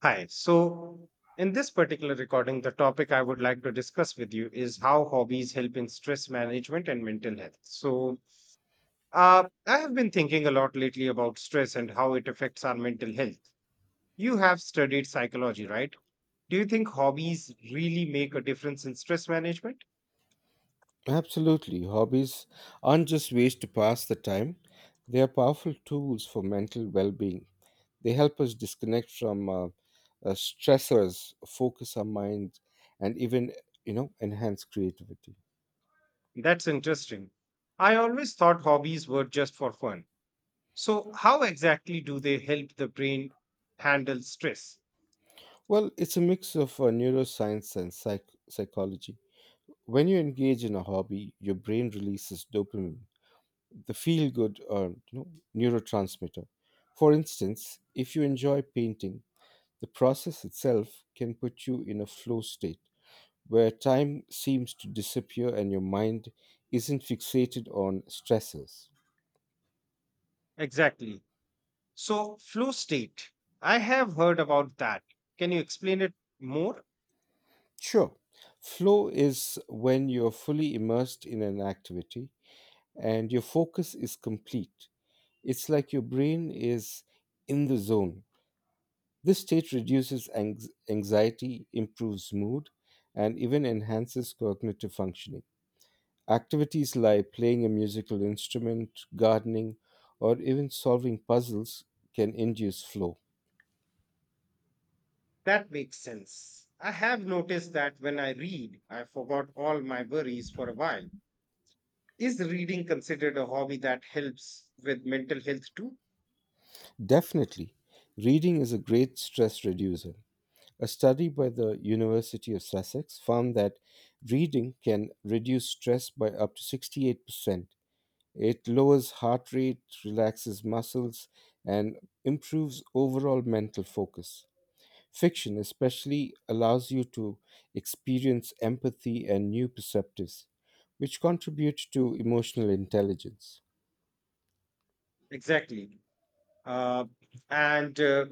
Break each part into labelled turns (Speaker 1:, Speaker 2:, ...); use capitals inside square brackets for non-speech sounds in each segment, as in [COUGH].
Speaker 1: Hi. So, in this particular recording, the topic I would like to discuss with you is how hobbies help in stress management and mental health. So, I have been thinking a lot lately about stress and how it affects our mental health. You have studied psychology, right? Do you think hobbies really make a difference in stress management?
Speaker 2: Absolutely. Hobbies aren't just ways to pass the time, they are powerful tools for mental well being. They help us disconnect from stressors, focus our mind, and even enhance creativity.
Speaker 1: That's interesting. I always thought hobbies were just for fun. So, how exactly do they help the brain handle stress?
Speaker 2: Well, it's a mix of neuroscience and psychology. When you engage in a hobby, your brain releases dopamine, the feel good neurotransmitter. For instance, if you enjoy painting, the process itself can put you in a flow state where time seems to disappear and your mind isn't fixated on stressors.
Speaker 1: Exactly. So, flow state, I have heard about that. Can you explain it more?
Speaker 2: Sure, flow is when you're fully immersed in an activity and your focus is complete. It's like your brain is in the zone. This state reduces anxiety, improves mood, and even enhances cognitive functioning. Activities like playing a musical instrument, gardening, or even solving puzzles can induce flow.
Speaker 1: That makes sense. I have noticed that when I read, I forgot all my worries for a while. Is reading considered a hobby that helps with mental health too?
Speaker 2: Definitely, reading is a great stress reducer. A study by the University of Sussex found that reading can reduce stress by up to 68%. It lowers heart rate, relaxes muscles, and improves overall mental focus. Fiction, especially, allows you to experience empathy and new perceptives, which contribute to emotional intelligence.
Speaker 1: Exactly. Uh, and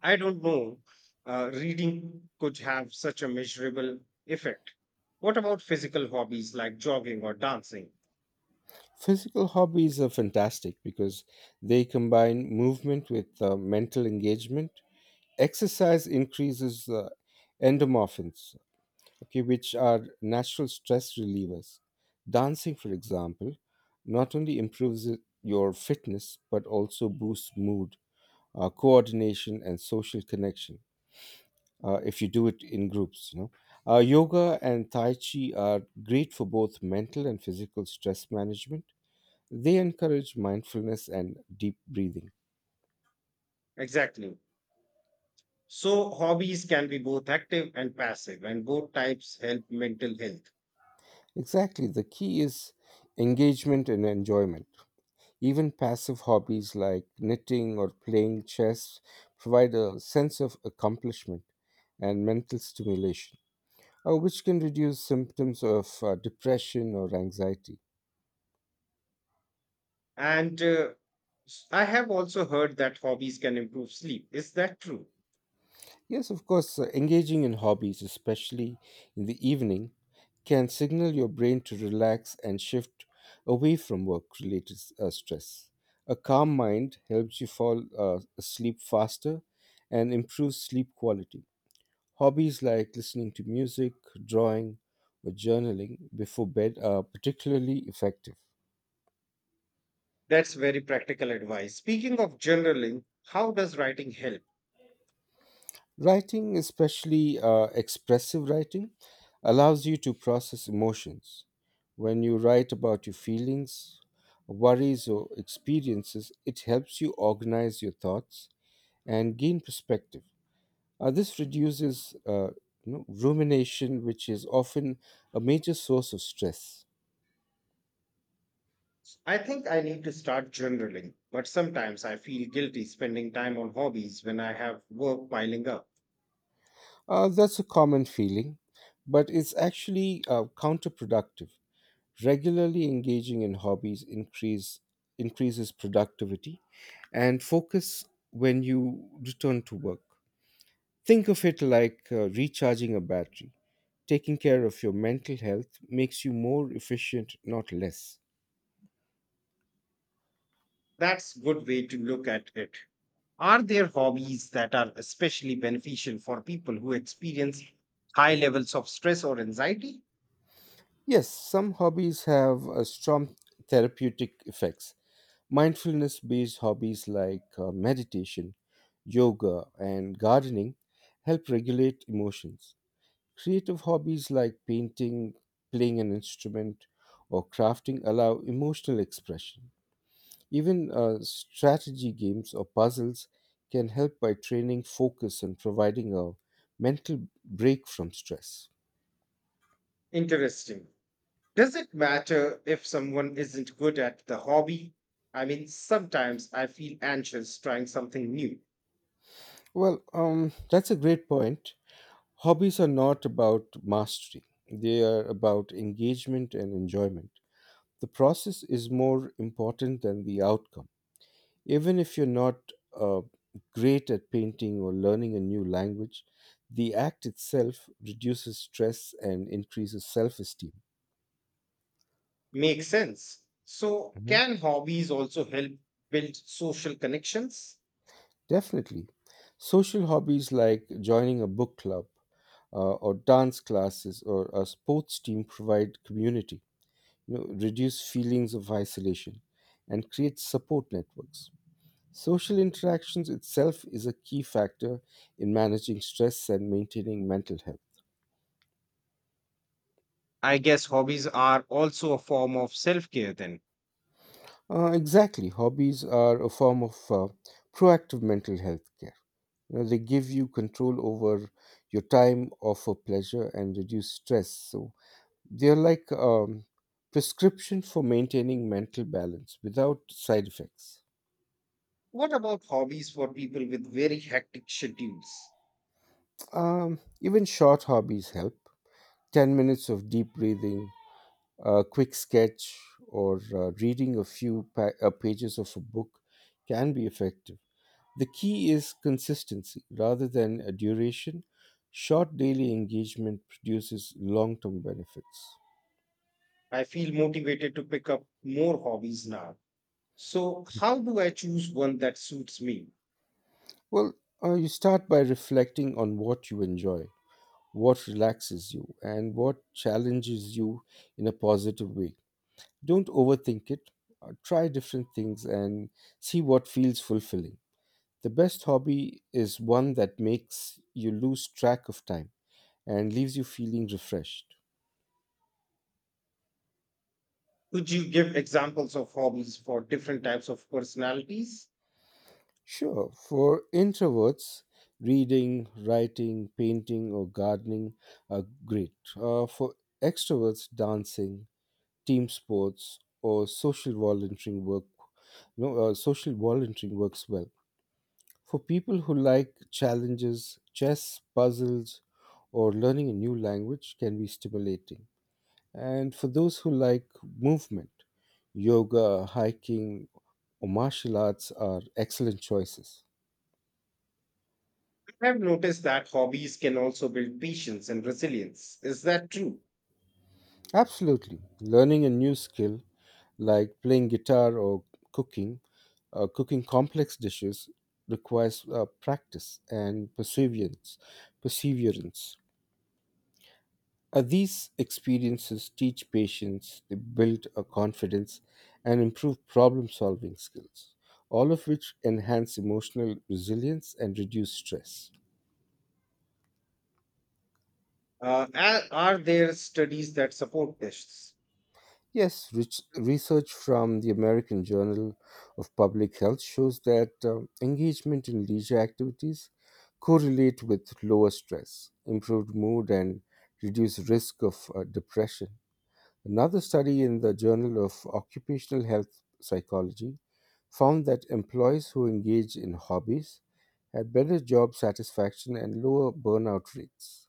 Speaker 1: I don't know. Reading could have such a measurable effect. What about physical hobbies like jogging or dancing?
Speaker 2: Physical hobbies are fantastic because they combine movement with mental engagement. Exercise increases endomorphins, okay, which are natural stress relievers. Dancing, for example, not only improves your fitness but also boosts mood, coordination, and social connection. If you do it in groups, yoga and tai chi are great for both mental and physical stress management. They encourage mindfulness and deep breathing.
Speaker 1: Exactly. So, hobbies can be both active and passive, and both types help mental health.
Speaker 2: Exactly, the key is engagement and enjoyment. Even passive hobbies like knitting or playing chess provide a sense of accomplishment and mental stimulation, which can reduce symptoms of depression or anxiety.
Speaker 1: And uh, I have also heard that hobbies can improve sleep. Is that true?
Speaker 2: Yes, of course, engaging in hobbies, especially in the evening, can signal your brain to relax and shift away from work related stress. A calm mind helps you fall asleep faster and improves sleep quality. Hobbies like listening to music, drawing, or journaling before bed are particularly effective.
Speaker 1: That's very practical advice. Speaking of journaling, how does writing help?
Speaker 2: Writing, especially expressive writing, allows you to process emotions. When you write about your feelings, worries, or experiences, it helps you organize your thoughts and gain perspective. This reduces rumination, which is often a major source of stress.
Speaker 1: I think I need to start journaling, but sometimes I feel guilty spending time on hobbies when I have work piling up.
Speaker 2: That's a common feeling, but it's actually counterproductive. Regularly engaging in hobbies increases productivity and focus when you return to work. Think of it like recharging a battery. Taking care of your mental health makes you more efficient, not less.
Speaker 1: That's good way to look at it. Are there hobbies that are especially beneficial for people who experience high levels of stress or anxiety?
Speaker 2: Yes, some hobbies have strong therapeutic effects. Mindfulness based hobbies like meditation, yoga, and gardening help regulate emotions. Creative hobbies like painting, playing an instrument, or crafting allow emotional expression. Even strategy games or puzzles can help by training focus and providing a mental break from stress.
Speaker 1: Interesting. Does it matter if someone isn't good at the hobby? I mean, sometimes I feel anxious trying something new.
Speaker 2: That's a great point. Hobbies are not about mastery, they are about engagement and enjoyment. The process is more important than the outcome. Even if you're not uh, great at painting or learning a new language, the act itself reduces stress and increases self esteem.
Speaker 1: Makes sense. So,
Speaker 2: Mhm.
Speaker 1: can hobbies also help build social connections?
Speaker 2: Definitely. Social hobbies like joining a book club, or dance classes, or a sports team provide community, reduce feelings of isolation, and create support networks. Social interactions itself is a key factor in managing stress and maintaining mental health.
Speaker 1: I guess hobbies are also a form of self care then.
Speaker 2: Exactly. Hobbies are a form of proactive mental health care. You know, they give you control over your time, offer pleasure, and reduce stress. So they're like prescription for maintaining mental balance without side effects.
Speaker 1: What about hobbies for people with very hectic schedules?
Speaker 2: Even short hobbies help. 10 minutes of deep breathing, a quick sketch, or reading a few pages of a book can be effective. The key is consistency rather than a duration. Short daily engagement produces long term benefits.
Speaker 1: I feel motivated to pick up more hobbies now. So how do I choose one that suits me?
Speaker 2: Well, you start by reflecting on what you enjoy, what relaxes you, and what challenges you in a positive way. Don't overthink it. Try different things and see what feels fulfilling. The best hobby is one that makes you lose track of time and leaves you feeling refreshed.
Speaker 1: Could you give examples of hobbies for different types of personalities?
Speaker 2: Sure, for introverts, reading, writing, painting, or gardening are great. For extroverts, dancing, team sports, or social volunteering work, no, social volunteering works well. For people who like challenges, chess, puzzles, or learning a new language can be stimulating. And for those who like movement, yoga, hiking, or martial arts are excellent choices.
Speaker 1: I have noticed that hobbies can also build patience and resilience. Is that true?
Speaker 2: Absolutely. Learning a new skill like playing guitar or cooking, cooking complex dishes requires practice and perseverance. Perseverance. These experiences teach patience, they build a confidence, and improve problem-solving skills, all of which enhance emotional resilience and reduce stress.
Speaker 1: Are there studies that support this?
Speaker 2: Yes, research from the American Journal of Public Health shows that engagement in leisure activities correlate with lower stress, improved mood, and reduced risk of depression. Another study in the Journal of Occupational Health Psychology found that employees who engage in hobbies had better job satisfaction and lower burnout rates.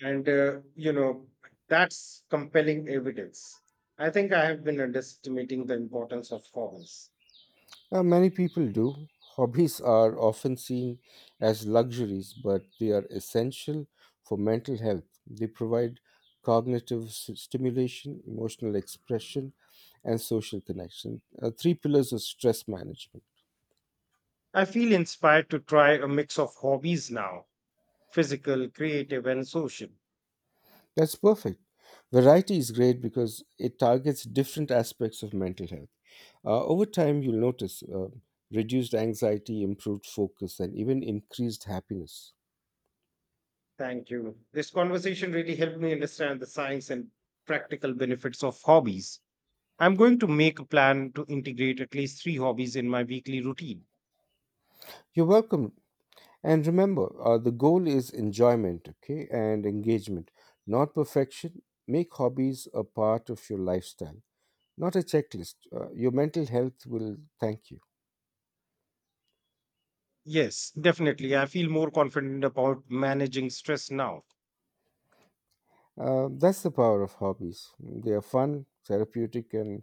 Speaker 1: And that's compelling evidence. I think I have been underestimating the importance of hobbies.
Speaker 2: Many people do. Hobbies are often seen as luxuries, but they are essential for mental health. They provide cognitive stimulation, emotional expression, and social connection. Three pillars of stress management.
Speaker 1: I feel inspired to try a mix of hobbies now. Physical, creative, and social.
Speaker 2: That's perfect. Variety is great because it targets different aspects of mental health. Over time, you'll notice reduced anxiety, improved focus, and even increased happiness.
Speaker 1: Thank you. This conversation really helped me understand the science and practical benefits of hobbies. I'm going to make a plan to integrate at least three hobbies in my weekly routine.
Speaker 2: You're welcome. And remember, the goal is enjoyment, okay, and engagement, not perfection. Make hobbies a part of your lifestyle, not a checklist. Your mental health will thank you.
Speaker 1: Yes, definitely. I feel more confident about managing stress now.
Speaker 2: That's the power of hobbies. They are fun, therapeutic, and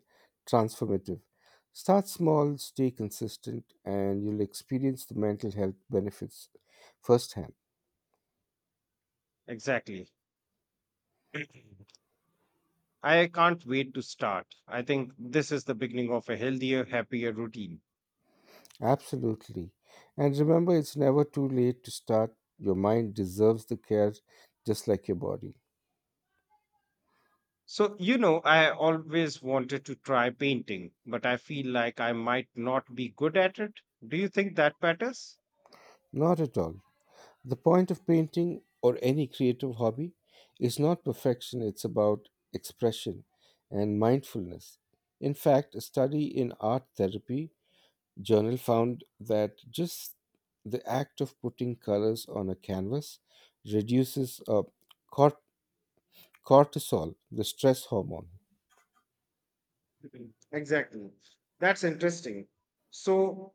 Speaker 2: transformative. Start small, stay consistent, and you'll experience the mental health benefits firsthand.
Speaker 1: Exactly. [CLEARS THROAT] I can't wait to start. I think this is the beginning of a healthier, happier routine.
Speaker 2: Absolutely. And remember, it's never too late to start. Your mind deserves the care just like your body.
Speaker 1: So, you know, I always wanted to try painting, but I feel like I might not be good at it. Do you think that matters?
Speaker 2: Not at all. The point of painting or any creative hobby is not perfection, it's about expression and mindfulness. In fact, a study in art therapy journal found that just the act of putting colors on a canvas reduces cort- cortisol, the stress hormone.
Speaker 1: Mhm. Exactly. That's interesting. So,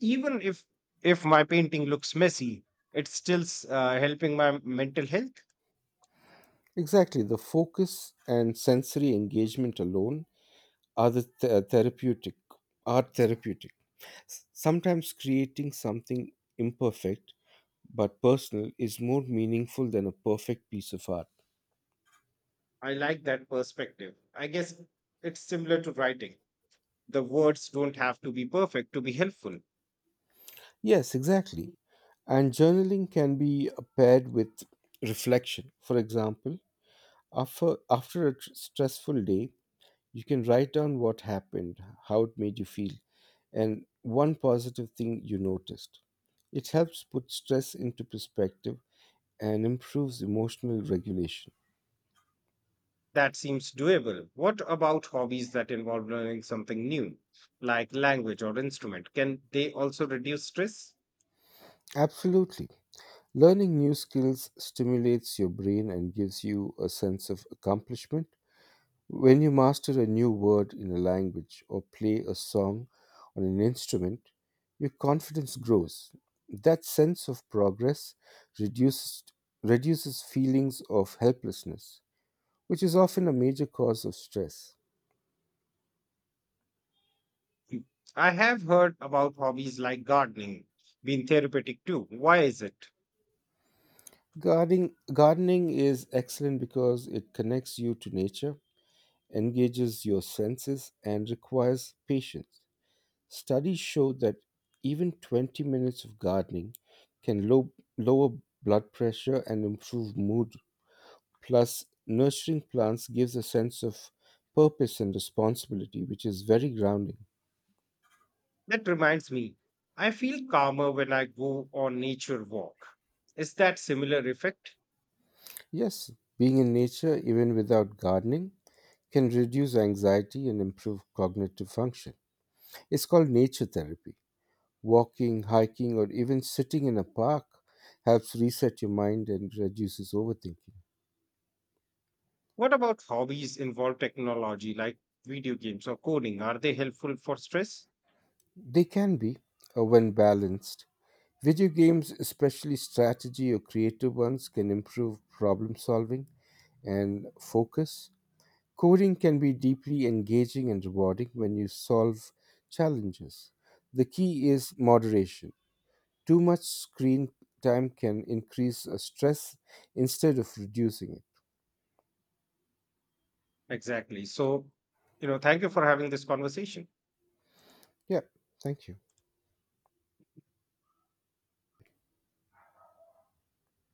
Speaker 1: even if my painting looks messy, it's still helping my mental health.
Speaker 2: Exactly, the focus and sensory engagement alone are the therapeutic, art therapeutic. Sometimes creating something imperfect but personal is more meaningful than a perfect piece of art.
Speaker 1: I like that perspective. I guess it's similar to writing. The words don't have to be perfect to be helpful.
Speaker 2: Yes, exactly. And journaling can be paired with reflection. For example, after a stressful day, you can write down what happened, how it made you feel, and one positive thing you noticed. It helps put stress into perspective and improves emotional regulation.
Speaker 1: That seems doable. What about hobbies that involve learning something new, like language or instrument? Can they also reduce stress?
Speaker 2: Absolutely. Learning new skills stimulates your brain and gives you a sense of accomplishment. When you master a new word in a language or play a song on an instrument, your confidence grows. That sense of progress reduces, reduces feelings of helplessness, which is often a major cause of stress.
Speaker 1: I have heard about hobbies like gardening being therapeutic too. Why is it?
Speaker 2: Gardening is excellent because it connects you to nature, engages your senses, and requires patience. Studies show that even 20 minutes of gardening can lower blood pressure and improve mood. Plus, nurturing plants gives a sense of purpose and responsibility, which is very grounding.
Speaker 1: That reminds me, I feel calmer when I go on nature walk. Is that similar effect?
Speaker 2: Yes, being in nature, even without gardening, can reduce anxiety and improve cognitive function. It's called nature therapy. Walking, hiking, or even sitting in a park helps reset your mind and reduces overthinking.
Speaker 1: What about hobbies involve technology like video games or coding? Are they helpful for stress?
Speaker 2: They can be, when balanced. Video games, especially strategy or creative ones, can improve problem solving and focus. Coding can be deeply engaging and rewarding when you solve challenges. The key is moderation. Too much screen time can increase stress instead of reducing it.
Speaker 1: Exactly. So, you know, thank you for having this conversation.
Speaker 2: Yeah, thank you.